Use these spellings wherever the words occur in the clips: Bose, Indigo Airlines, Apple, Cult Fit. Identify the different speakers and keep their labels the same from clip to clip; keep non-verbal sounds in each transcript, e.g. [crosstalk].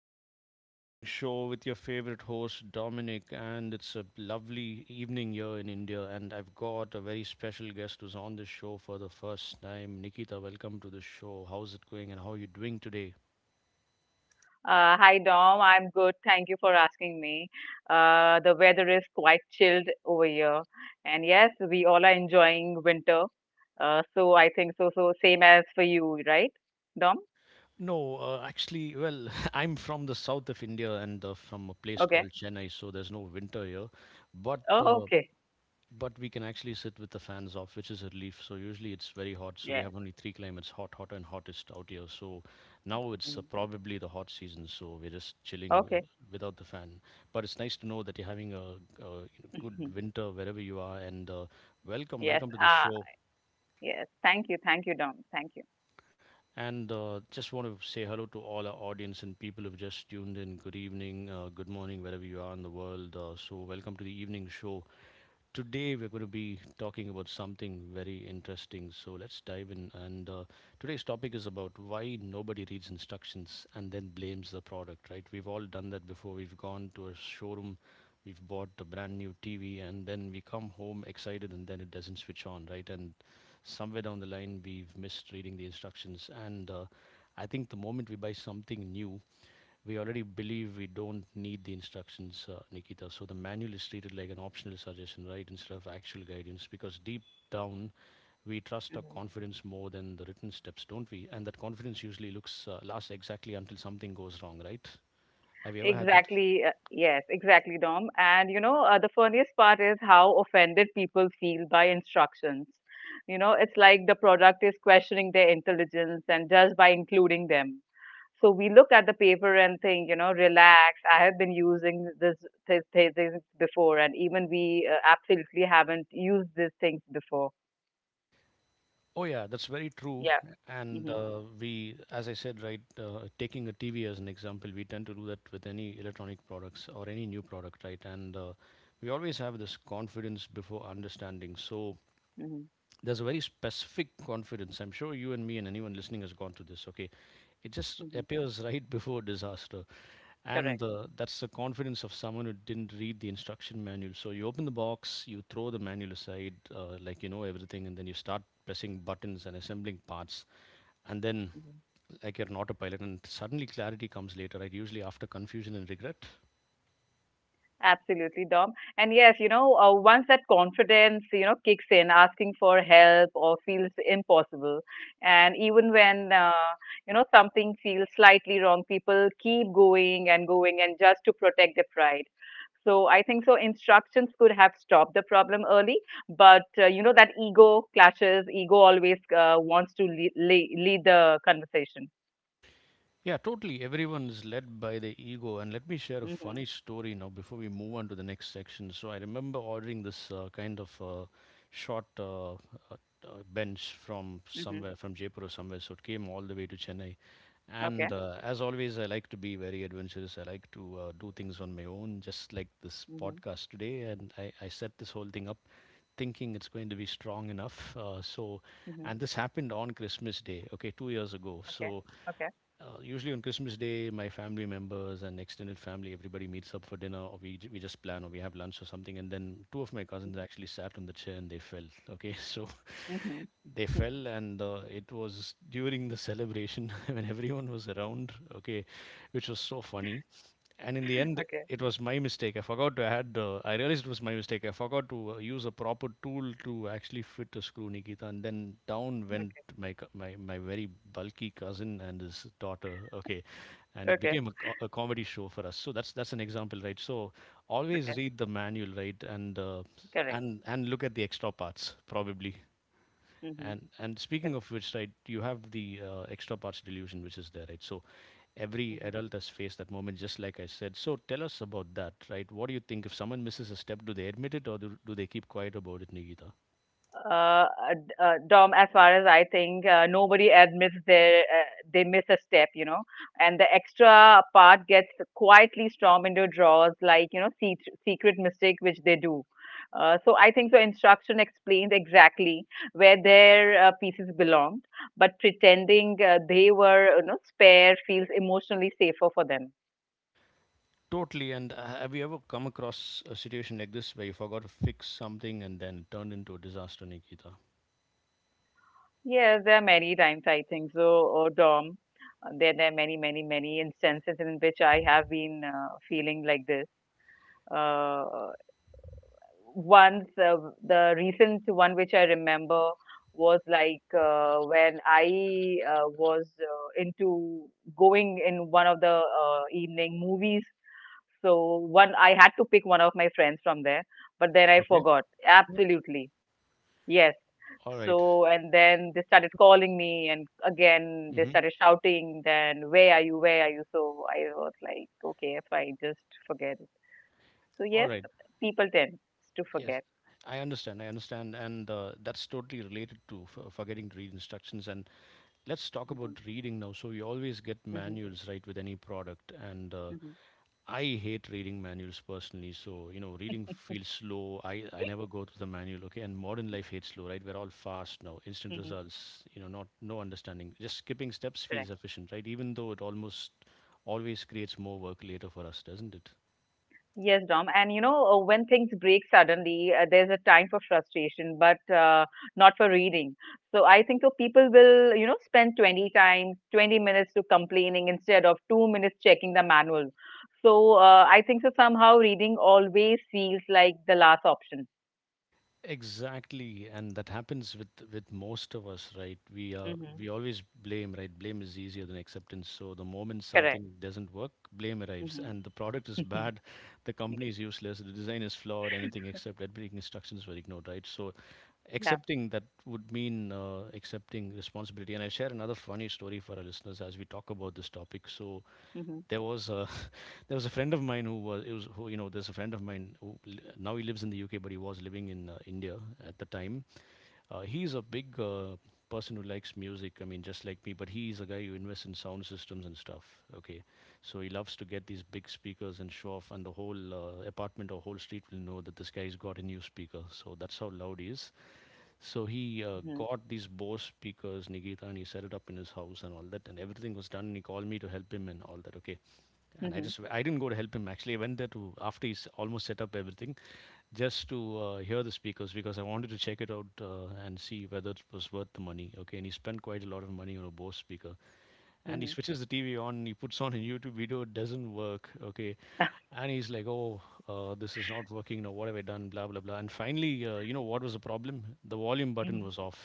Speaker 1: welcome to the evening show with your favorite host Dominic. And it's a lovely evening here in India. And I've got a very special guest who's on this show for the first time. Nikita, welcome to the show. How's it going and how are you doing today?
Speaker 2: Hi Dom, I'm good. Thank you for asking me. The weather is quite chilled over here, and yes, we all are enjoying winter. So I think so. So same as for you, right, Dom?
Speaker 1: No, actually, well, [laughs] I'm from the south of India and from a place
Speaker 2: Okay.
Speaker 1: called Chennai, so there's no winter here. But
Speaker 2: Oh,
Speaker 1: uh,
Speaker 2: okay.
Speaker 1: But we can actually sit with the fans off, which is a relief. So usually it's very hot. So we
Speaker 2: Yeah.
Speaker 1: have only three climates: hot, hot, and hottest out here. So now it's
Speaker 2: Mm.
Speaker 1: probably the hot season. So we're just chilling
Speaker 2: Okay.
Speaker 1: without the fan. But it's nice to know that you're having a good
Speaker 2: [laughs]
Speaker 1: winter wherever you are. And welcome,
Speaker 2: Yes.
Speaker 1: welcome to the
Speaker 2: Ah,
Speaker 1: show.
Speaker 2: yes. Thank you. Thank you, Dom. Thank you.
Speaker 1: And just want to say hello to all our audience and people who've just tuned in. Good evening, good morning, wherever you are in the world. So welcome to the evening show. Today, we're going to be talking about something very interesting. So, let's dive in. And today's topic is about why nobody reads instructions and then blames the product, right? We've all done that before. We've gone to a showroom, we've bought a brand new TV, and then we come home excited and then it doesn't switch on, right? And somewhere down the line, we've missed reading the instructions. And I think the moment we buy something new, we already believe we don't need the instructions, Nikita. So the manual is treated like an optional suggestion, right, instead of actual guidance, because deep down we trust our
Speaker 2: Mhm.
Speaker 1: confidence more than the written steps, don't we? And that confidence usually looks lasts exactly until something goes wrong, right? Have you ever had that?
Speaker 2: Exactly. Yes, exactly, Dom. And you know, the funniest part is how offended people feel by instructions. You know, it's like the product is questioning their intelligence and just by including them. So we look at the paper and think, you know, relax, I have been using these things before, and even we absolutely haven't used these things before.
Speaker 1: Oh yeah, that's very true.
Speaker 2: Yeah.
Speaker 1: And
Speaker 2: Mm-hmm.
Speaker 1: we, as I said, right, taking a TV as an example, we tend to do that with any electronic products or any new product, right? And we always have this confidence before understanding. So
Speaker 2: Mm-hmm.
Speaker 1: there's a very specific confidence. I'm sure you and me and anyone listening has gone through this. Okay, it just
Speaker 2: Mm-hmm.
Speaker 1: appears right [laughs] before disaster,
Speaker 2: Correct.
Speaker 1: and that's the confidence of someone who didn't read the instruction manual. So you open the box, you throw the manual aside, like you know everything, and then you start pressing buttons and assembling parts, and then
Speaker 2: Mm-hmm.
Speaker 1: like you're an autopilot, and suddenly clarity comes later, right? Usually after confusion and regret.
Speaker 2: Absolutely, Dom. And yes, you know, once that confidence, you know, kicks in, asking for help or feels impossible, and even when you know something feels slightly wrong, people keep going and going, and just to protect their pride. So I think so. Instructions could have stopped the problem early, but you know that ego clashes. Ego always wants to lead the conversation.
Speaker 1: Yeah, totally. Everyone is led by the ego. And let me share a
Speaker 2: Mm-hmm.
Speaker 1: funny story now before we move on to the next section. So I remember ordering this kind of short bench from
Speaker 2: Mm-hmm.
Speaker 1: somewhere, from Jaipur or somewhere. So it came all the way to Chennai.
Speaker 2: Okay.
Speaker 1: And as always, I like to be very adventurous. I like to do things on my own, just like this
Speaker 2: Mm-hmm.
Speaker 1: podcast today. And I set this whole thing up thinking it's going to be strong enough.
Speaker 2: Mm-hmm.
Speaker 1: And this happened on Christmas Day, okay, 2 years ago.
Speaker 2: Okay.
Speaker 1: So,
Speaker 2: Okay.
Speaker 1: uh, usually on Christmas Day, my family members and extended family, everybody meets up for dinner, or we just plan, or we have lunch or something. And then two of my cousins actually sat on the chair and they fell. Okay, [laughs] so
Speaker 2: Mm-hmm.
Speaker 1: they
Speaker 2: [laughs]
Speaker 1: fell, and it was during the celebration [laughs] when everyone was around. Okay, which was so funny, and in the end
Speaker 2: Okay,
Speaker 1: it was my mistake. I forgot to add I realized it was my mistake. I forgot to use a proper tool to actually fit a screw, Nikita. And then down went
Speaker 2: okay,
Speaker 1: my very bulky cousin and his daughter. Okay, and it
Speaker 2: okay,
Speaker 1: became a comedy show for us. So that's an example, right? So always
Speaker 2: okay.
Speaker 1: read the manual, right? and uh,
Speaker 2: Correct.
Speaker 1: and and look at the extra parts probably,
Speaker 2: Mm-hmm.
Speaker 1: and speaking
Speaker 2: Correct.
Speaker 1: of which, right, you have the extra parts delusion which is there, right? So every
Speaker 2: Mm-hmm.
Speaker 1: adult has faced that moment, just like I said. So tell us about that, right? What do you think? If someone misses a step, do they admit it or do they keep quiet about it, Nikita?
Speaker 2: Dom, as far as I think, nobody admits their they miss a step, you know, and the extra part gets quietly stormed into drawers, like you know, secret mistake which they do. So I think the instruction explained exactly where their pieces belonged, but pretending they were you know spare feels emotionally safer for them.
Speaker 1: Totally. And have you ever come across a situation like this where you forgot to fix something and then it turned into a disaster, Nikita?
Speaker 2: Yes, there are many times I think so, Dom. There are many, many, many instances in which I have been feeling like this. Uh, once, the recent one which I remember was like when I was into going in one of the evening movies. So one, I had to pick one of my friends from there, but then I
Speaker 1: Okay.
Speaker 2: forgot. Absolutely. Yes.
Speaker 1: All right.
Speaker 2: So, and then they started calling me, and again they
Speaker 1: Mm-hmm.
Speaker 2: started shouting, then where are you? Where are you? So I was like, okay, fine, just forget it. So
Speaker 1: All
Speaker 2: yes,
Speaker 1: right.
Speaker 2: people tend to
Speaker 1: Yes.
Speaker 2: forget.
Speaker 1: I understand. I understand. And that's totally related to forgetting to read instructions. And let's talk
Speaker 2: Hmm.
Speaker 1: about reading now. So you always get
Speaker 2: Hmm.
Speaker 1: manuals, right, with any product, and
Speaker 2: Hmm.
Speaker 1: I hate reading manuals personally. So you know, reading feels slow. I never go through the manual. Okay, and modern life hates slow, right? We're all fast now, instant
Speaker 2: Hmm.
Speaker 1: results. You know, not no understanding. Just skipping steps feels
Speaker 2: Correct.
Speaker 1: efficient, right? Even though it almost always creates more work later for us, doesn't it?
Speaker 2: Yes, Dom. And you know, when things break suddenly, there's a time for frustration, but not for reading. So I think so people will, you know, spend 20 times, 20 minutes to complaining instead of 2 minutes checking the manual. So I think so somehow reading always feels like the last option.
Speaker 1: Exactly, and that happens with most of us, right?
Speaker 2: Mm-hmm.
Speaker 1: We always blame, right? Blame is easier than acceptance. So the moment
Speaker 2: Correct.
Speaker 1: something doesn't work, blame arrives, and the
Speaker 2: Mm-hmm.
Speaker 1: product is bad,
Speaker 2: [laughs]
Speaker 1: the company is useless, the design is flawed, anything except editing instructions were ignored, right? So
Speaker 2: Yeah.
Speaker 1: accepting that would mean accepting responsibility. And I share another funny story for our listeners as we talk about this topic. So
Speaker 2: Mm-hmm.
Speaker 1: there was a [laughs] there was a friend of mine who was it was who you know there's a friend of mine who li- now he lives in the UK but he was living in India at the time. He's a big person who likes music. I mean, just like me, but he's a guy who invests in sound systems and stuff. Okay, so he loves to get these big speakers and show off, and the whole apartment or whole street will know that this guy's got a new speaker. So that's how loud he is. So he
Speaker 2: Mm-hmm.
Speaker 1: got these Bose speakers, Nikita, and he set it up in his house and all that, and everything was done. And he called me to help him and all that. Okay, and I
Speaker 2: Mm-hmm.
Speaker 1: just I didn't go to help him actually. I went there to after he's almost set up everything just to hear the speakers because I wanted to check it out and see whether it was worth the money. Okay, and he spent quite a lot of money on a Bose speaker, and he
Speaker 2: Mm-hmm.
Speaker 1: switches the TV on. He puts on a YouTube video. It doesn't work. Okay,
Speaker 2: [laughs]
Speaker 1: and he's like, "Oh, this is not working. Now what have I done? Blah blah blah." And finally, you know what was the problem? The volume button
Speaker 2: Mhm.
Speaker 1: was off.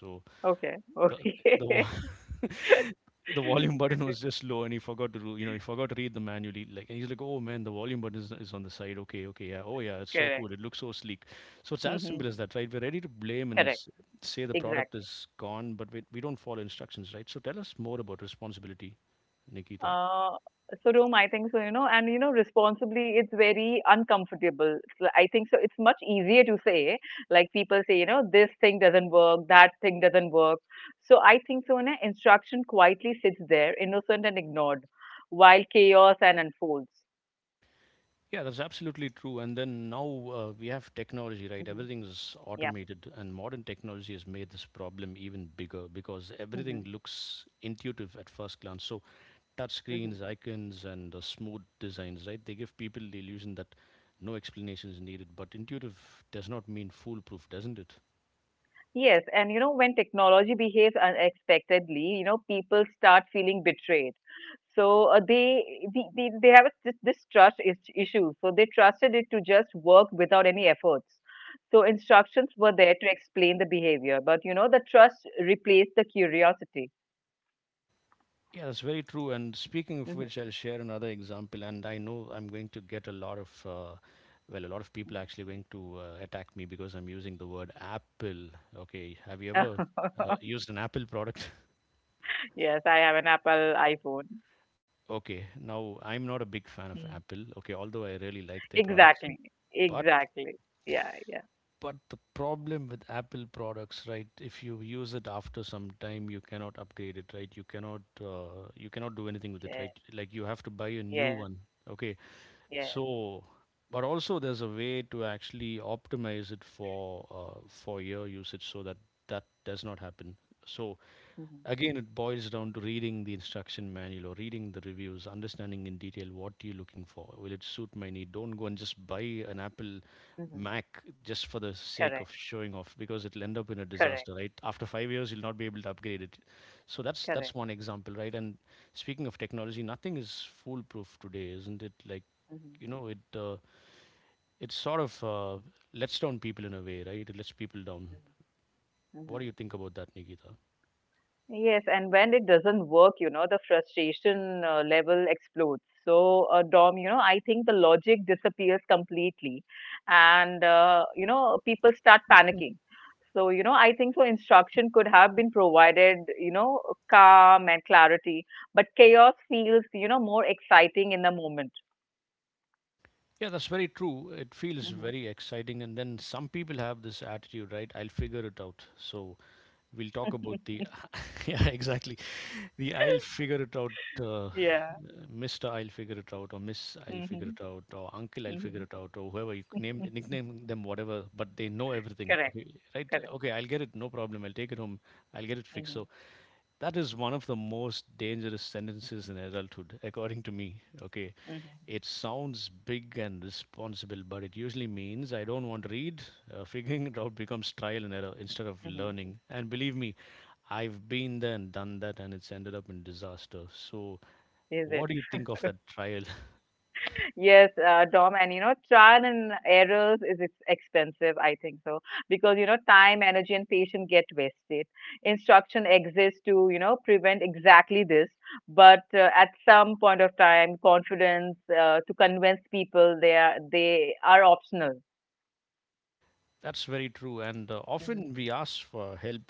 Speaker 1: So
Speaker 2: Okay.
Speaker 1: the the vo
Speaker 2: Okay. [laughs]
Speaker 1: [laughs] the volume button was just low, and he forgot to do. You know, he forgot to read the manual. He like, and he's like, "Oh, man, the volume button is on the side. Okay, okay, yeah. Oh, yeah, it's so
Speaker 2: Correct.
Speaker 1: cool. It looks so sleek." So it's as
Speaker 2: Mm-hmm.
Speaker 1: simple as that, right? We're ready to blame and
Speaker 2: Correct.
Speaker 1: say the product
Speaker 2: Exactly.
Speaker 1: is gone, but we don't follow instructions, right? So tell us more about responsibility, Nikita.
Speaker 2: Uh, so Rome, I think so, you know, and you know, responsibly, it's very uncomfortable. So I think so. It's much easier to say, like people say, you know, this thing doesn't work, that thing doesn't work. So I think so. You know, instruction quietly sits there, innocent and ignored, while chaos and unfolds.
Speaker 1: Yeah, that's absolutely true. And then now we have technology, right?
Speaker 2: Hmm.
Speaker 1: Everything is
Speaker 2: Yeah.
Speaker 1: automated, and modern technology has made this problem even bigger because
Speaker 2: Hmm.
Speaker 1: everything looks intuitive at first glance. So touch
Speaker 2: Hmm.
Speaker 1: screens, icons, and the smooth designs, right? They give people the illusion that no explanation is needed, but intuitive does not mean foolproof, doesn't it?
Speaker 2: Yes, and you know, when technology behaves unexpectedly, you know, people start feeling betrayed. So they have a this this issue. So they trusted it to just work without any efforts. So instructions were there to explain the behavior, but you know, the trust replaced the curiosity.
Speaker 1: Yeah, that's very true. And speaking of
Speaker 2: Mhm.
Speaker 1: which, I'll share another example. And I know I'm going to get a lot of, well, a lot of people are actually going to attack me because I'm using the word Apple. Okay, have you ever
Speaker 2: [laughs]
Speaker 1: used an Apple product?
Speaker 2: Yes, I have an Apple iPhone.
Speaker 1: [laughs] Okay, now I'm not a big fan of
Speaker 2: Mm.
Speaker 1: Apple. Okay, although I really like their products,
Speaker 2: Exactly,
Speaker 1: but
Speaker 2: exactly. Yeah, yeah,
Speaker 1: But the problem with Apple products, right? If you use it after some time, you cannot upgrade it, right? You cannot do anything with it,
Speaker 2: yeah,
Speaker 1: right? Like you have to buy a new
Speaker 2: yes,
Speaker 1: one. Okay,
Speaker 2: yes.
Speaker 1: so but also there's a way to actually optimize it for your usage so that that does not happen. So
Speaker 2: Hmm.
Speaker 1: again, it boils down to reading the instruction manual or reading the reviews, understanding in detail what you're looking for. Will it suit my need? Don't go and just buy an Apple
Speaker 2: Hmm.
Speaker 1: Mac just for the sake of
Speaker 2: Correct,
Speaker 1: showing off because it'll end up in a
Speaker 2: correct,
Speaker 1: disaster, right? After 5 years, you'll not be able to upgrade it. So that's
Speaker 2: correct.
Speaker 1: one example, right? And speaking of technology, nothing is foolproof today, isn't it? Like
Speaker 2: Mhm,
Speaker 1: you know, it uh, it sort of lets down people in a way, right? It lets people down.
Speaker 2: mhm,
Speaker 1: What do
Speaker 2: mhm.
Speaker 1: you think about that, Nikita?
Speaker 2: Yes, and when it doesn't work, you know, the frustration level explodes. So, Dom, you know, I think the logic disappears completely, and you know, people start panicking. So, you know, I think so. Instruction could have been provided, you know, calm and clarity, but chaos feels, you know, more exciting in the moment.
Speaker 1: Yeah, that's very true. It feels
Speaker 2: Hmm.
Speaker 1: very exciting. And then some people have this attitude, right? I'll figure it out. So we'll talk about the, [laughs] yeah, exactly. The I'll figure it out, uh,
Speaker 2: Yeah.
Speaker 1: Mr. I'll figure it out, or Miss I'll figure
Speaker 2: Hmm.
Speaker 1: it out, or Uncle I'll figure
Speaker 2: Hmm.
Speaker 1: it out, or whoever you name, nickname them, whatever, but they know everything.
Speaker 2: Correct.
Speaker 1: Okay, right?
Speaker 2: Correct.
Speaker 1: Okay, I'll get it. No problem. I'll take it home. I'll get it fixed.
Speaker 2: Hmm.
Speaker 1: So that is one of the most dangerous sentences in adulthood, according to me. Okay.
Speaker 2: Hmm.
Speaker 1: It sounds big and responsible, but it usually means I don't want to read. [laughs] Figuring it out becomes trial and error instead of
Speaker 2: Hmm.
Speaker 1: learning. And believe me, I've been there and done that, and it's ended up in disaster. So,
Speaker 2: Is it?
Speaker 1: what do you think of that trial? [laughs]
Speaker 2: Yes, Dom, and you know, trial and errors is ex expensive, I think so, because you know, time, energy, and patience get wasted. Instruction exists to, you know, prevent exactly this, but at some point of time, confidence to convince people they are optional.
Speaker 1: That's very true. And
Speaker 2: Hmm.
Speaker 1: often we ask for help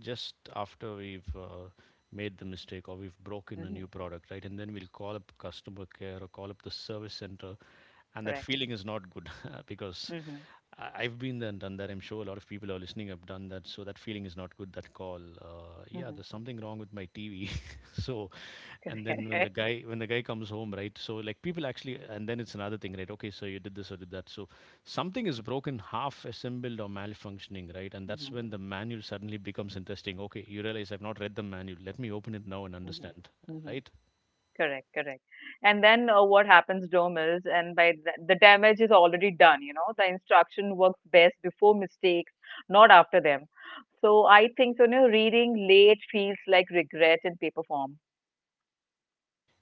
Speaker 1: just after we've made the mistake or we've broken a
Speaker 2: Hmm.
Speaker 1: new product, right? And then we'll call up customer care or call up the service center. And that
Speaker 2: Correct.
Speaker 1: feeling is not good [laughs] because
Speaker 2: Hmm.
Speaker 1: I- I've been there and done that. I'm sure a lot of people who are listening have done that. So that feeling is not good, that call. Yeah,
Speaker 2: Hmm.
Speaker 1: there's something wrong with my TV. [laughs] So and then
Speaker 2: Correct.
Speaker 1: when the guy comes home, right? So like people actually, and then it's another thing, right? Okay, so you did this or did that. So something is broken, half assembled or malfunctioning, right?
Speaker 2: [laughs]
Speaker 1: And that's
Speaker 2: Hmm.
Speaker 1: when the manual suddenly becomes interesting. Okay, you realize I've not read the manual. Let me open it now and
Speaker 2: Hmm.
Speaker 1: understand,
Speaker 2: Hmm.
Speaker 1: right?
Speaker 2: Correct, correct. And then what happens, Dom, is and by th the damage is already done, you know, the instruction works best before mistakes, not after them. So I think, so, you know, reading late feels like regret in paper form.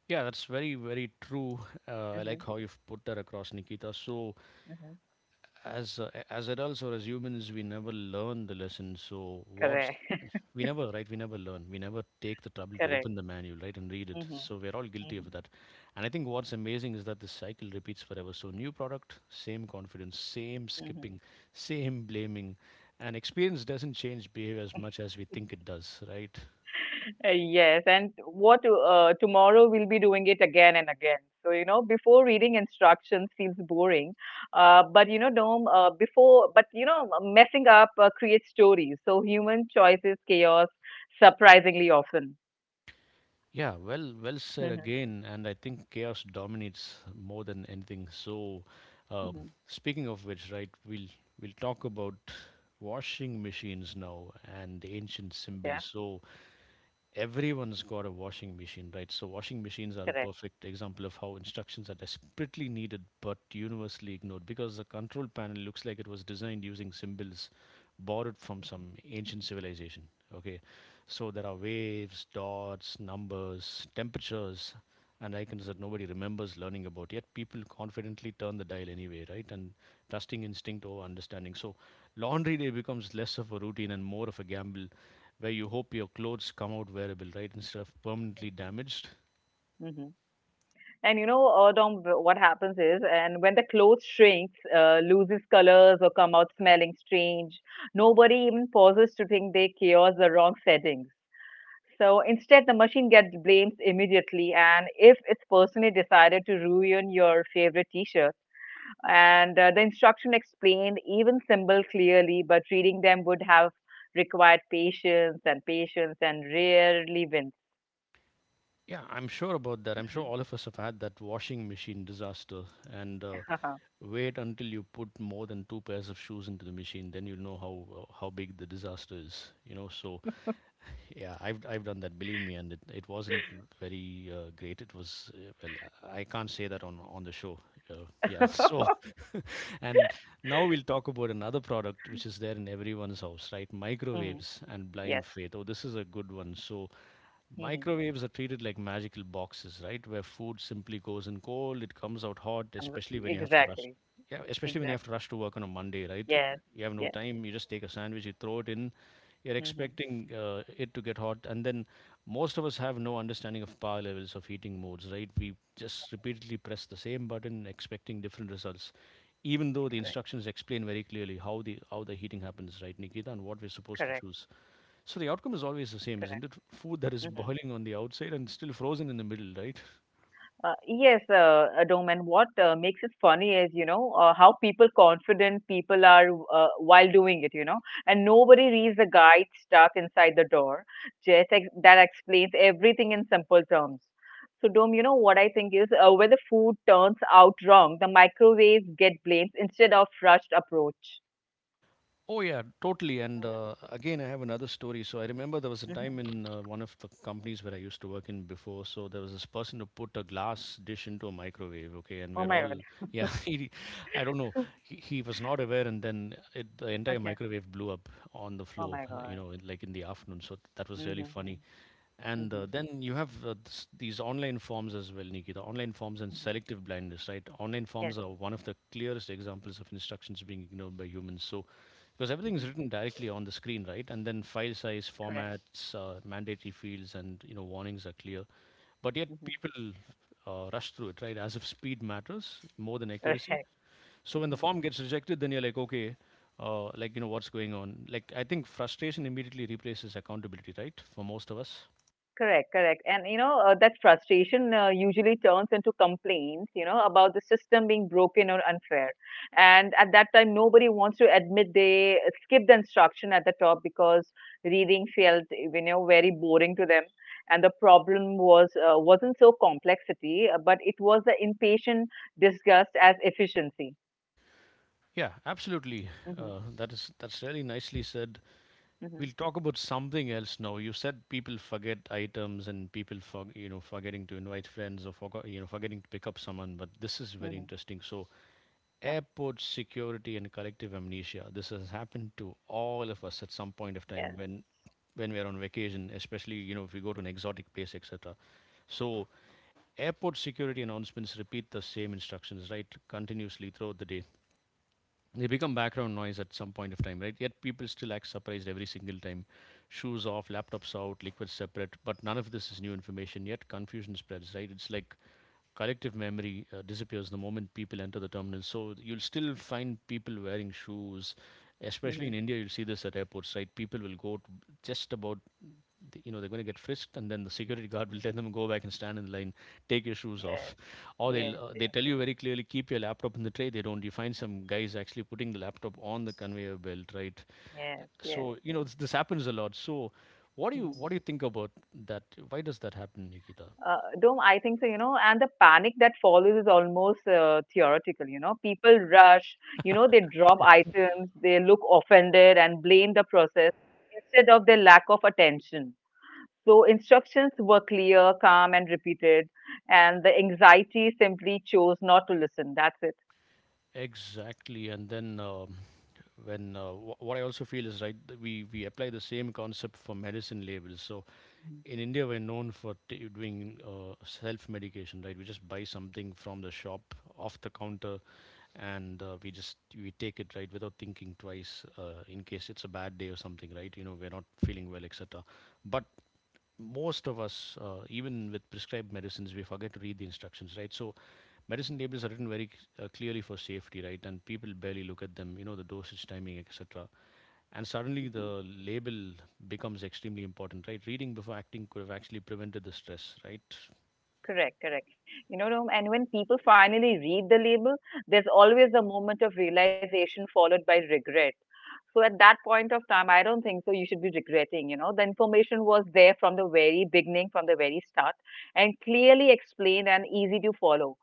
Speaker 1: Yeah, that's very very true. [laughs] I
Speaker 2: Mm-hmm,
Speaker 1: like how you've put that across, Nikita. So
Speaker 2: mm-hmm.
Speaker 1: as adults or as humans, we never learn the lesson. So what's
Speaker 2: Correct,
Speaker 1: we never right we never learn we never take the
Speaker 2: [laughs]
Speaker 1: trouble to
Speaker 2: correct.
Speaker 1: open the manual, right, and read it,
Speaker 2: Mm-hmm,
Speaker 1: so we're all guilty
Speaker 2: mm-hmm,
Speaker 1: of that. And I think what's amazing is that this cycle repeats forever. So new product, same confidence, same
Speaker 2: mm-hmm.
Speaker 1: skipping, same blaming, and experience doesn't change behavior as much as we think it does, right?
Speaker 2: Yes, and what tomorrow we'll be doing it again and again. So, you know, before reading instructions feels boring, but you know, Dom, before, but you know, messing up creates stories. So, human choices, chaos, surprisingly often.
Speaker 1: Yeah, well, well said
Speaker 2: Hmm.
Speaker 1: again. And I think chaos dominates more than anything. So um,
Speaker 2: Hmm.
Speaker 1: speaking of which, right, we'll talk about washing machines now and ancient
Speaker 2: Yeah,
Speaker 1: symbols. So everyone's got a washing machine, right? So washing machines are a
Speaker 2: correct.
Speaker 1: perfect example of how instructions are desperately needed but universally ignored because the control panel looks like it was designed using symbols borrowed from some ancient civilization. Okay, so there are waves, dots, numbers, temperatures, and icons that nobody remembers learning about. Yet people confidently turn the dial anyway, right? And trusting instinct over understanding. So laundry day becomes less of a routine and more of a gamble where you hope your clothes come out wearable, right? Instead of permanently damaged.
Speaker 2: Hmm. And you know, Dom, what happens is, and when the clothes shrinks, loses colors, or come out smelling strange, nobody even pauses to think they chaos the wrong settings. So instead, the machine gets blamed immediately, and if it's personally decided to ruin your favorite T-shirt, and the instruction explained even symbol clearly, but reading them would have required patience and patience and rarely wins.
Speaker 1: Yeah, I'm sure about that. I'm sure
Speaker 2: Mhm.
Speaker 1: all of us have had that washing machine disaster. And
Speaker 2: [laughs]
Speaker 1: wait until you put more than two pairs of shoes into the machine, then you'll know how big the disaster is. You know, so yeah, I've done that. Believe me, and it wasn't very great. It was well, I can't say that on the show. Yeah. [laughs] So, [laughs] and now we'll talk about another product which is there in everyone's house, right?
Speaker 2: Hmm.
Speaker 1: Microwaves and blind
Speaker 2: Yes.
Speaker 1: faith. Oh, this is a good one. So,
Speaker 2: Hmm.
Speaker 1: microwaves are treated like magical boxes, right? Where food simply goes in cold, it comes out hot, especially when you have to rush.
Speaker 2: Exactly.
Speaker 1: Yeah, especially when you have
Speaker 2: Exactly.
Speaker 1: to rush to work on a Monday, right?
Speaker 2: Yes.
Speaker 1: You have no
Speaker 2: Yes.
Speaker 1: time. You just take a sandwich, you throw it in. You're
Speaker 2: Hmm.
Speaker 1: expecting it to get hot, and then most of us have no understanding of power levels of heating modes, right? We just repeatedly press the same button, expecting different results, even though the instructions explain very clearly how the heating happens, right, Nikita, and what we're supposed to
Speaker 2: Correct.
Speaker 1: choose. So the outcome is always the same, isn't
Speaker 2: Correct.
Speaker 1: it? Food that is
Speaker 2: Mm-hmm.
Speaker 1: boiling on the outside and still frozen in the middle, right?
Speaker 2: Yes, Adom, and what makes it funny is, you know, how people confident people are while doing it, you know, and nobody reads the guide stuck inside the door. Just that explains everything in simple terms. So, Dom, you know what I think is when the food turns out wrong, the microwaves get blamed instead of rushed approach.
Speaker 1: Oh yeah, totally. And again, I have another story. So I remember there was a time
Speaker 2: Hmm.
Speaker 1: in one of the companies where I used to work in before. So there was this person who put a glass dish into a microwave. Okay, and
Speaker 2: Oh
Speaker 1: we're
Speaker 2: my
Speaker 1: all
Speaker 2: God.
Speaker 1: yeah, [laughs] he, I don't know. He was not aware, and then it, the entire
Speaker 2: Okay.
Speaker 1: microwave blew up on the
Speaker 2: Oh
Speaker 1: floor.
Speaker 2: my
Speaker 1: You
Speaker 2: God.
Speaker 1: know, in- like in the afternoon. So that was really
Speaker 2: Mm-hmm.
Speaker 1: funny. And
Speaker 2: Mm-hmm.
Speaker 1: then you have these online forms as well, Nikki. The online forms and
Speaker 2: Mm-hmm.
Speaker 1: selective blindness, right? Online
Speaker 2: Yes.
Speaker 1: forms are one of the clearest examples of instructions being ignored by humans. So, because everything is
Speaker 2: Mm-hmm.
Speaker 1: written directly on the screen, right? And then file size,
Speaker 2: Correct.
Speaker 1: formats, mandatory fields, and you know warnings are clear. But yet
Speaker 2: Mm-hmm.
Speaker 1: people rush through it, right? As if speed matters more than accuracy.
Speaker 2: Correct. [laughs]
Speaker 1: So when the form gets rejected, then you're like, okay, like you know what's going on. Like I think frustration immediately replaces accountability, right? For most of us.
Speaker 2: Correct, correct. And you know, that frustration usually turns into complaints, you know, about the system being broken or unfair. And at that time, nobody wants to admit they skipped the instruction at the top because reading felt, you know, very boring to them. And the problem was wasn't so complexity, but it was the impatient disgust as efficiency.
Speaker 1: Yeah, absolutely.
Speaker 2: Hmm.
Speaker 1: That is that's really nicely said.
Speaker 2: Hmm.
Speaker 1: We'll talk about something else now. You said people forget items and people for, you know forgetting to invite friends or forgot you know forgetting to pick up someone. But this is very
Speaker 2: Hmm.
Speaker 1: interesting. So
Speaker 2: Yeah.
Speaker 1: airport security and collective amnesia. This has happened to all of us at some point of
Speaker 2: Yes,
Speaker 1: time when we are on vacation, especially you know if we go to an exotic place, etc. So airport security announcements repeat the same instructions right continuously throughout the day. They become background noise at some point of time, right? Yet people still act surprised every single time. Shoes off, laptops out, liquids separate, but none of this is new information. Yet confusion spreads, right? It's like collective memory disappears the moment people enter the terminal. So you'll still find people wearing shoes, especially
Speaker 2: hmm,
Speaker 1: in India. You'll see this at airports, right? People will go to just about th- you know they're going to get frisked and then the security guard will tell them go back and stand in the line, take your shoes off,
Speaker 2: yes,
Speaker 1: or they'll
Speaker 2: yes,
Speaker 1: they
Speaker 2: yes,
Speaker 1: tell you very clearly keep your laptop in the tray, they don't, you find some guys actually putting the laptop on the conveyor belt, right?
Speaker 2: yes, yes,
Speaker 1: So you know
Speaker 2: yes.
Speaker 1: this happens a lot. So what do you
Speaker 2: Mm-hmm.
Speaker 1: think about that, why does that happen, Nikita?
Speaker 2: Do I think so, you know, and the panic that follows is almost theoretical, you know. People rush, you know, they drop items, they look offended and blame the process instead of their lack of attention. So instructions were clear, calm, and repeated, and the anxiety simply chose not to listen. That's it.
Speaker 1: Exactly, and then when wh- what I also feel is right, we apply the same concept for medicine labels. So in India, we're known for t- doing self medication, right? We just buy something from the shop off the counter, and we just we take it, right, without thinking twice in case it's a bad day or something, right, you know we're not feeling well, etc. But most of us even with prescribed medicines we forget to read the instructions, right. So medicine labels are written very c- clearly for safety, right, and people barely look at them, you know the dosage timing etc. And suddenly the
Speaker 2: Mhm.
Speaker 1: label becomes extremely important, right? Reading before acting could have actually prevented the stress, right?
Speaker 2: Correct, correct. You know, Rom, and when people finally read the label, there's always a moment of realization followed by regret. So at that point of time, I don't think so. You should be regretting. You know, the information was there from the very beginning, from the very start, and clearly explained and easy to follow.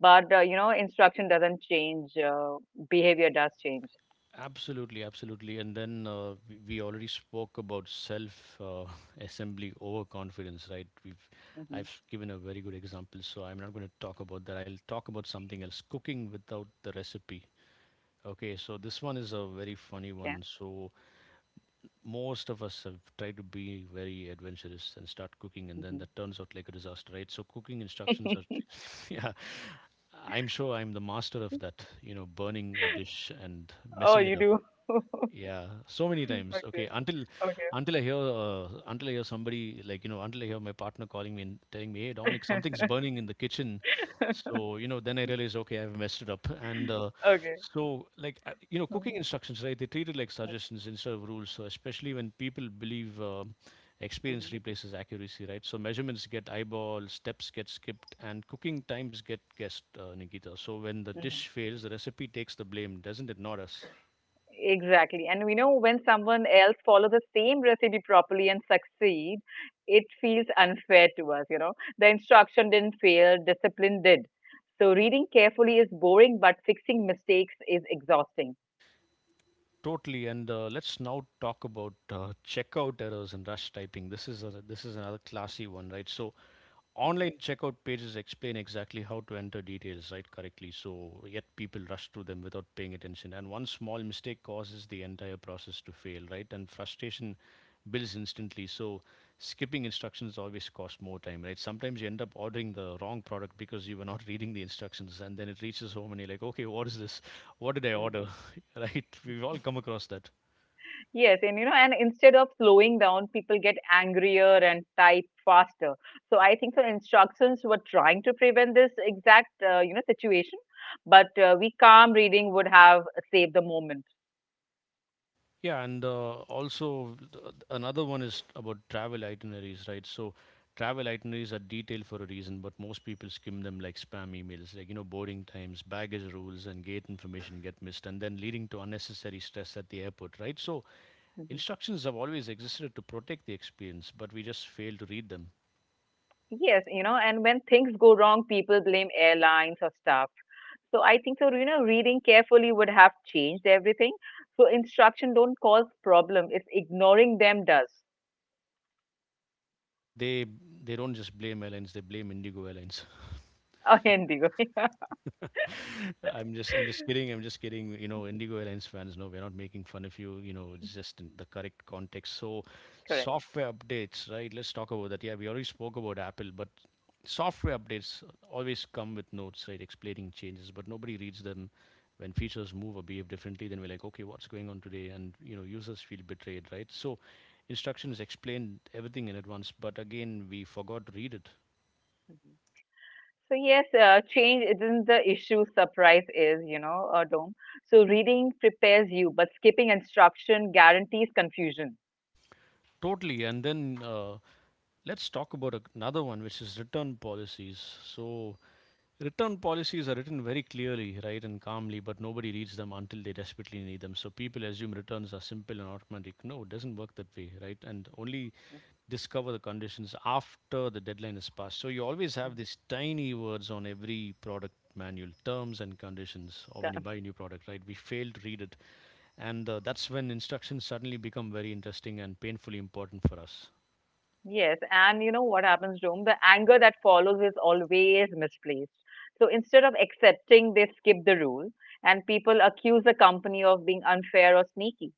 Speaker 2: But you know, instruction doesn't change. Behavior does change.
Speaker 1: Absolutely, absolutely. And then we already spoke about self [laughs] assembly overconfidence, right? We've
Speaker 2: Mm-hmm.
Speaker 1: I've given a very good example, so I'm not going to talk about that. I'll talk about something else, cooking without the recipe. Okay, so this one is a very funny
Speaker 2: Yeah.
Speaker 1: one. So most of us have tried to be very adventurous and start cooking and then
Speaker 2: Hmm.
Speaker 1: that turns out like a disaster, right? So cooking instructions are [laughs] yeah, I'm sure I'm the master of that, you know, burning a dish and
Speaker 2: Oh,
Speaker 1: messing
Speaker 2: you
Speaker 1: it up.
Speaker 2: do. [laughs]
Speaker 1: Yeah, so many times.
Speaker 2: Okay.
Speaker 1: Okay, until
Speaker 2: Okay.
Speaker 1: until I hear somebody, like you know, until I hear my partner calling me and telling me, "Hey, Dominic, something's burning in the kitchen,"
Speaker 2: [laughs]
Speaker 1: so you know then I realize, okay, I've messed it up. And
Speaker 2: Okay.
Speaker 1: so like you know, cooking instructions, right? They treat it like suggestions instead of rules. So especially when people believe
Speaker 2: Mm-hmm.
Speaker 1: experience replaces accuracy, right? So measurements get eyeball, steps get skipped, and cooking times get guessed, Nikita. So when the dish fails, the recipe takes the blame, doesn't it? Not us.
Speaker 2: Exactly. And we know when someone else follows the same recipe properly and succeed, it feels unfair to us, you know. The instruction didn't fail, discipline did. So reading carefully is boring, but fixing mistakes is exhausting.
Speaker 1: Totally. And let's now talk about checkout errors and rush typing. This is another classy one, right? So
Speaker 2: Mhm,
Speaker 1: online checkout pages explain exactly how to enter details right correctly, so yet people rush through them without paying attention. And one small mistake causes the entire process to fail, right? And frustration builds instantly. So skipping instructions always costs more time, right? Sometimes you end up ordering the wrong product because you were not [laughs] reading the instructions, and then it reaches home and you're like, okay, what is this? What did I
Speaker 2: mhm.
Speaker 1: order? [laughs] Right? We've all come across that.
Speaker 2: Yes, and you know, and instead of slowing down, people get angrier and type faster. So I think the instructions were trying to prevent this exact, you know, situation, but we calm reading would have saved the moment.
Speaker 1: Yeah, and also another one is about travel itineraries, right? So travel itineraries are detailed for a reason, but most people skim them like spam emails, like boarding times, baggage rules, and gate information get missed, and then leading to unnecessary stress at the airport, right? So
Speaker 2: Mhm.
Speaker 1: instructions have always existed to protect the experience, but we just fail to read them.
Speaker 2: Yes, you know, and when things go wrong, people blame airlines or staff. So I think so, you know, reading carefully would have changed everything. So instruction don't cause problem. It's ignoring them does.
Speaker 1: They they don't just blame airlines; they blame Indigo Airlines.
Speaker 2: [laughs] Oh, Indigo. [laughs]
Speaker 1: [laughs] I'm just kidding. I'm just kidding. You know, Indigo Airlines fans, no, we're not making fun of you. You know, it's just in the correct context. So,
Speaker 2: Correct.
Speaker 1: software updates, right? Let's talk about that. Yeah, we already spoke about Apple, but software updates always come with notes, right? Explaining changes, but nobody reads them. When features move or behave differently, then we're like, okay, what's going on today? And you know, users feel betrayed, right? So, instructions explained everything in advance, but again, we forgot to read it
Speaker 2: Mm-hmm. So yes, change isn't the issue. Surprise is, you know, Dom. So reading prepares you, but skipping instruction guarantees confusion.
Speaker 1: totally. And then. Let's talk about another one, which is return policies. So, return policies are written very clearly, right, and calmly, but nobody reads them until they desperately need them. So, people assume returns are simple and automatic. No, it doesn't work that way, right? And only discover the conditions after the deadline is passed. So, you always have these tiny words on every product manual terms and conditions or when
Speaker 2: Ca-
Speaker 1: you buy a new product right we fail to read it, and that's when instructions suddenly become very interesting and painfully important for us.
Speaker 2: Yes, and you know what happens, Dom? The anger that follows is always misplaced. So instead of accepting, they skip the rule, and people accuse the company of being unfair or sneaky.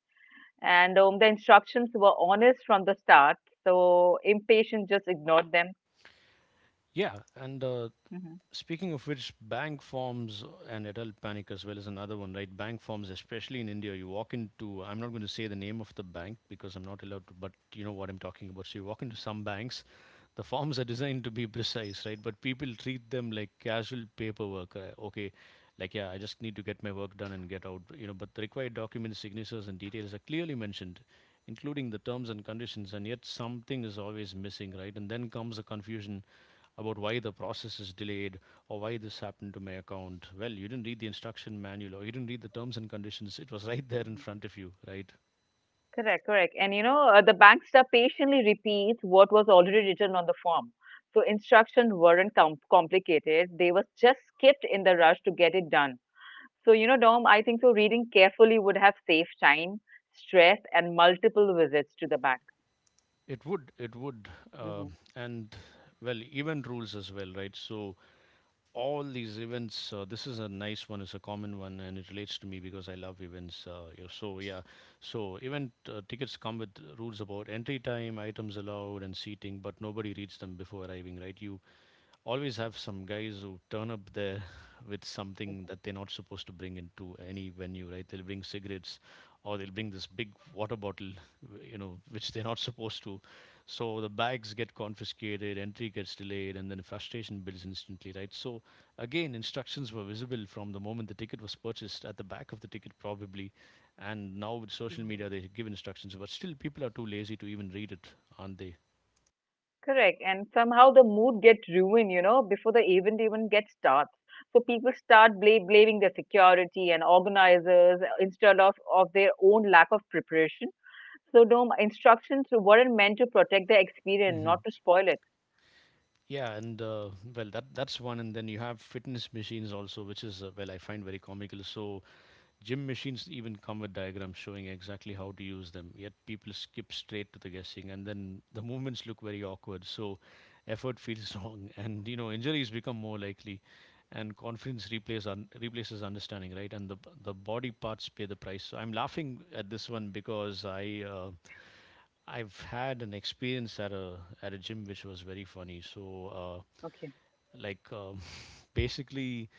Speaker 2: And the instructions were honest from the start, so impatient just ignored them.
Speaker 1: Yeah, and
Speaker 2: Hmm.
Speaker 1: speaking of which, bank forms and adult panic as well is another one, right? Bank forms, especially in India, you walk into — I'm not going to say the name of the bank because I'm not allowed to, but you know what I'm talking about. So you walk into some banks, the forms are designed to be precise, right? But people treat them like casual paperwork. Okay, like, yeah, I just need to get my work done and get out, you know, but the required documents, signatures, and details are clearly mentioned, including the terms and conditions, and yet something is always missing, right? And then comes the confusion about why the process is delayed or why this happened to my account. Well, you didn't read the instruction manual or you didn't read the terms and conditions. It was [laughs] right there in front of you, right?
Speaker 2: Correct, correct. And you know, the bankster patiently repeats what was already written on the form. So instructions weren't complicated. They were just skipped in the rush to get it done. So, you know, Dom, I think so reading carefully would have saved time, stress, and multiple visits to the bank.
Speaker 1: It would, it would.
Speaker 2: Hmm.
Speaker 1: Uh,
Speaker 2: Mhm.
Speaker 1: and well, event rules as well, right? So all these events, this is a nice one, it's a common one, and it relates to me because I love events. So yeah, so event tickets come with rules about entry time, items allowed, and seating, but nobody reads them before arriving, right? You always have some guys who turn up there with something that they're not supposed to bring into any venue, right? They'll bring cigarettes or they'll bring this big water bottle, you know, which they're not supposed to. So the bags get confiscated, entry gets delayed, and then frustration builds instantly, right? So again, instructions were visible from the moment the ticket was purchased at the back of the ticket, probably. And now with social media, they give instructions, but still people are too lazy to even read it, aren't they?
Speaker 2: Correct. And somehow the mood gets ruined, you know, before the event even gets starts. So people start blaming the security and organizers instead of their own lack of preparation. So, no, my instructions were meant to protect the experience,
Speaker 1: Mm-hmm.
Speaker 2: not to spoil it.
Speaker 1: Yeah, and well, that that's one, and then you have fitness machines also, which is well, I find very comical. So gym machines even come with diagrams showing exactly how to use them, yet people skip straight to the guessing, and then the movements look very awkward. So effort feels [laughs] wrong, and you know injuries become more likely, and confidence replaces understanding, right? And the body parts pay the price. So I'm laughing at this one because I've had an experience at a gym which was very funny. So. Uh,
Speaker 2: Okay.
Speaker 1: like, um, [laughs] basically,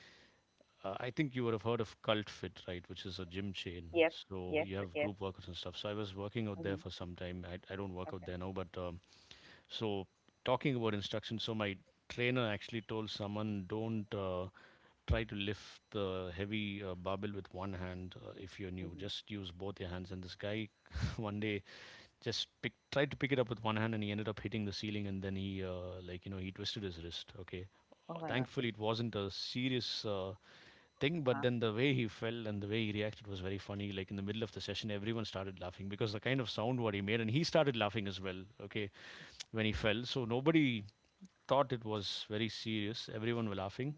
Speaker 1: I think you would have heard of Cult Fit, right? Which is a gym chain.
Speaker 2: Yes,
Speaker 1: So
Speaker 2: yes,
Speaker 1: you have
Speaker 2: yes.
Speaker 1: group workouts and stuff. So I was working out there
Speaker 2: Hmm.
Speaker 1: for some time. I don't work out
Speaker 2: Okay.
Speaker 1: there now, but so talking about instruction, so my trainer actually told someone, don't try to lift the heavy barbell with one hand if you're new.
Speaker 2: Hmm.
Speaker 1: Just use both your hands. And this guy, [laughs] one day, just tried to pick it up with one hand and he ended up hitting the ceiling and then he he twisted his wrist. Okay.
Speaker 2: Oh my God.
Speaker 1: Thankfully it wasn't a serious uh, thing, but
Speaker 2: Uh-huh.
Speaker 1: then the way he fell and the way he reacted was very funny, like in the middle of the session everyone started laughing because the kind of sound what he made, and he started laughing as well. Okay, when he fell, so nobody thought it was very serious, everyone were
Speaker 2: Mhm.
Speaker 1: laughing.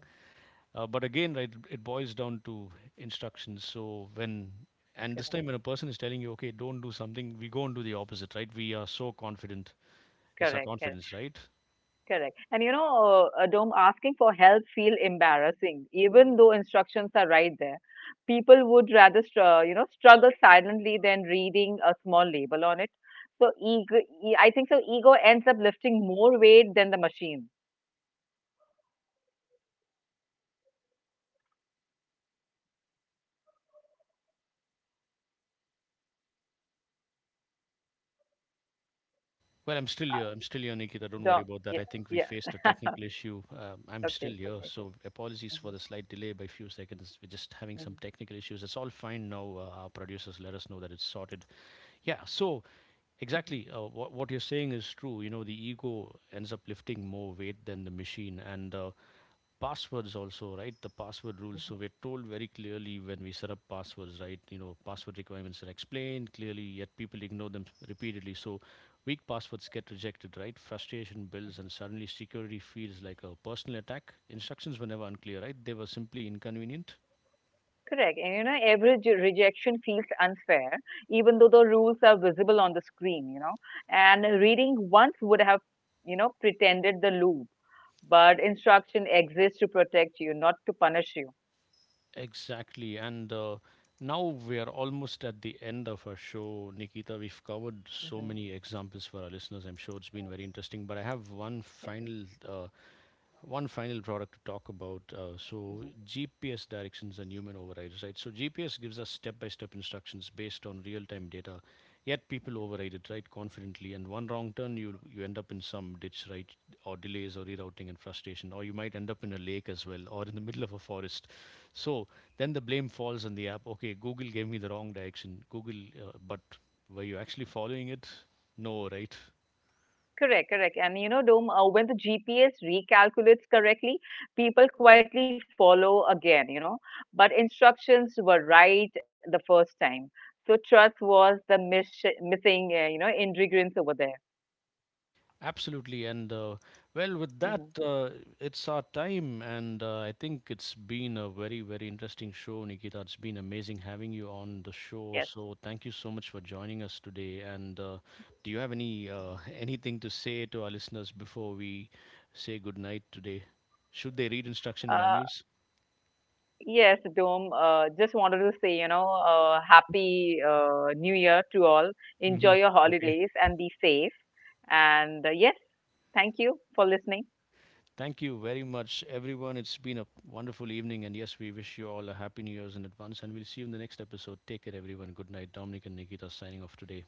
Speaker 1: But again, right, it boils down to instructions. So when, and this
Speaker 2: Correct,
Speaker 1: time when a person is telling you, okay, don't do something, we go and do the opposite, right? We are so confident. It's our
Speaker 2: correct, correct,
Speaker 1: confidence, right?
Speaker 2: correct. And you know, Dom, asking for help feel embarrassing, even though instructions are right there. People would rather, you know, struggle silently than reading a small label on it. So ego, I think so. Ego ends up lifting more weight than the machine.
Speaker 1: Well, I'm still here. I'm still here, Nikita. Don't worry about that.
Speaker 2: Yeah,
Speaker 1: I think we faced
Speaker 2: yeah.
Speaker 1: a technical issue. I'm still
Speaker 2: Okay,
Speaker 1: here.
Speaker 2: okay.
Speaker 1: So apologies for
Speaker 2: Hmm.
Speaker 1: the slight delay by a few seconds. We're just having some technical issues. It's all fine now. Our producers let us know that it's sorted. Yeah. So
Speaker 2: Hmm.
Speaker 1: exactly, what you're saying is true. You know, the ego ends up lifting more weight than the machine, and passwords also, right? The password rules. So
Speaker 2: Mhm,
Speaker 1: we're told very clearly when we set up passwords, right? You know, password requirements are explained clearly, yet people ignore them repeatedly. So weak passwords get rejected, right? Frustration builds,
Speaker 2: mhm.
Speaker 1: and suddenly security feels like a personal attack. Instructions were never unclear, right? They were simply inconvenient.
Speaker 2: Correct. And you know, every rejection feels unfair, even though the rules are visible on the screen, you know. And reading once would have, you know, pretended the loop, but instruction exists to protect you, not to punish you.
Speaker 1: Exactly. and now we are almost at the end of our show, Nikita. We've covered so
Speaker 2: Hmm.
Speaker 1: many examples for our listeners. I'm sure it's been very
Speaker 2: Yes.
Speaker 1: interesting, but I have
Speaker 2: Yes.
Speaker 1: one final product to talk about. So
Speaker 2: Mhm.
Speaker 1: GPS directions and human overrides, right? So GPS gives us step-by-step instructions based on real-time data. Yet people override it, right, confidently. And one wrong turn, you end up in some ditch, right, or delays or rerouting and frustration, or you might end up in a lake as well, or in the middle of a forest. So then the blame falls on the app. Okay, Google gave me the wrong direction. Google, but were you actually following it? No, right?
Speaker 2: Correct, correct. And you know, Dom, when the GPS recalculates correctly, people quietly follow again, you know. But instructions were right the first time. So trust was the missing, you know, ingredients over there.
Speaker 1: Absolutely, and well, with that,
Speaker 2: Hmm.
Speaker 1: it's our time, and I think it's been a very, very interesting show, Nikita. It's been amazing having you on the show.
Speaker 2: Yes.
Speaker 1: So thank you so much for joining us today. And do you have any [laughs] anything to say to our listeners before we say goodnight today? Should they read instruction
Speaker 2: Uh,
Speaker 1: manuals?
Speaker 2: yes, Dom, just wanted to say, you know, happy New Year to all. Enjoy
Speaker 1: Hmm.
Speaker 2: your
Speaker 1: Okay.
Speaker 2: holidays and be safe. And yes, thank you for listening.
Speaker 1: Thank you very much, everyone. It's been a wonderful evening, and yes, we wish you all a happy New Year's in advance, and we'll see you in the next episode. Take care, everyone. Good night. Dominic and Nikita signing off today.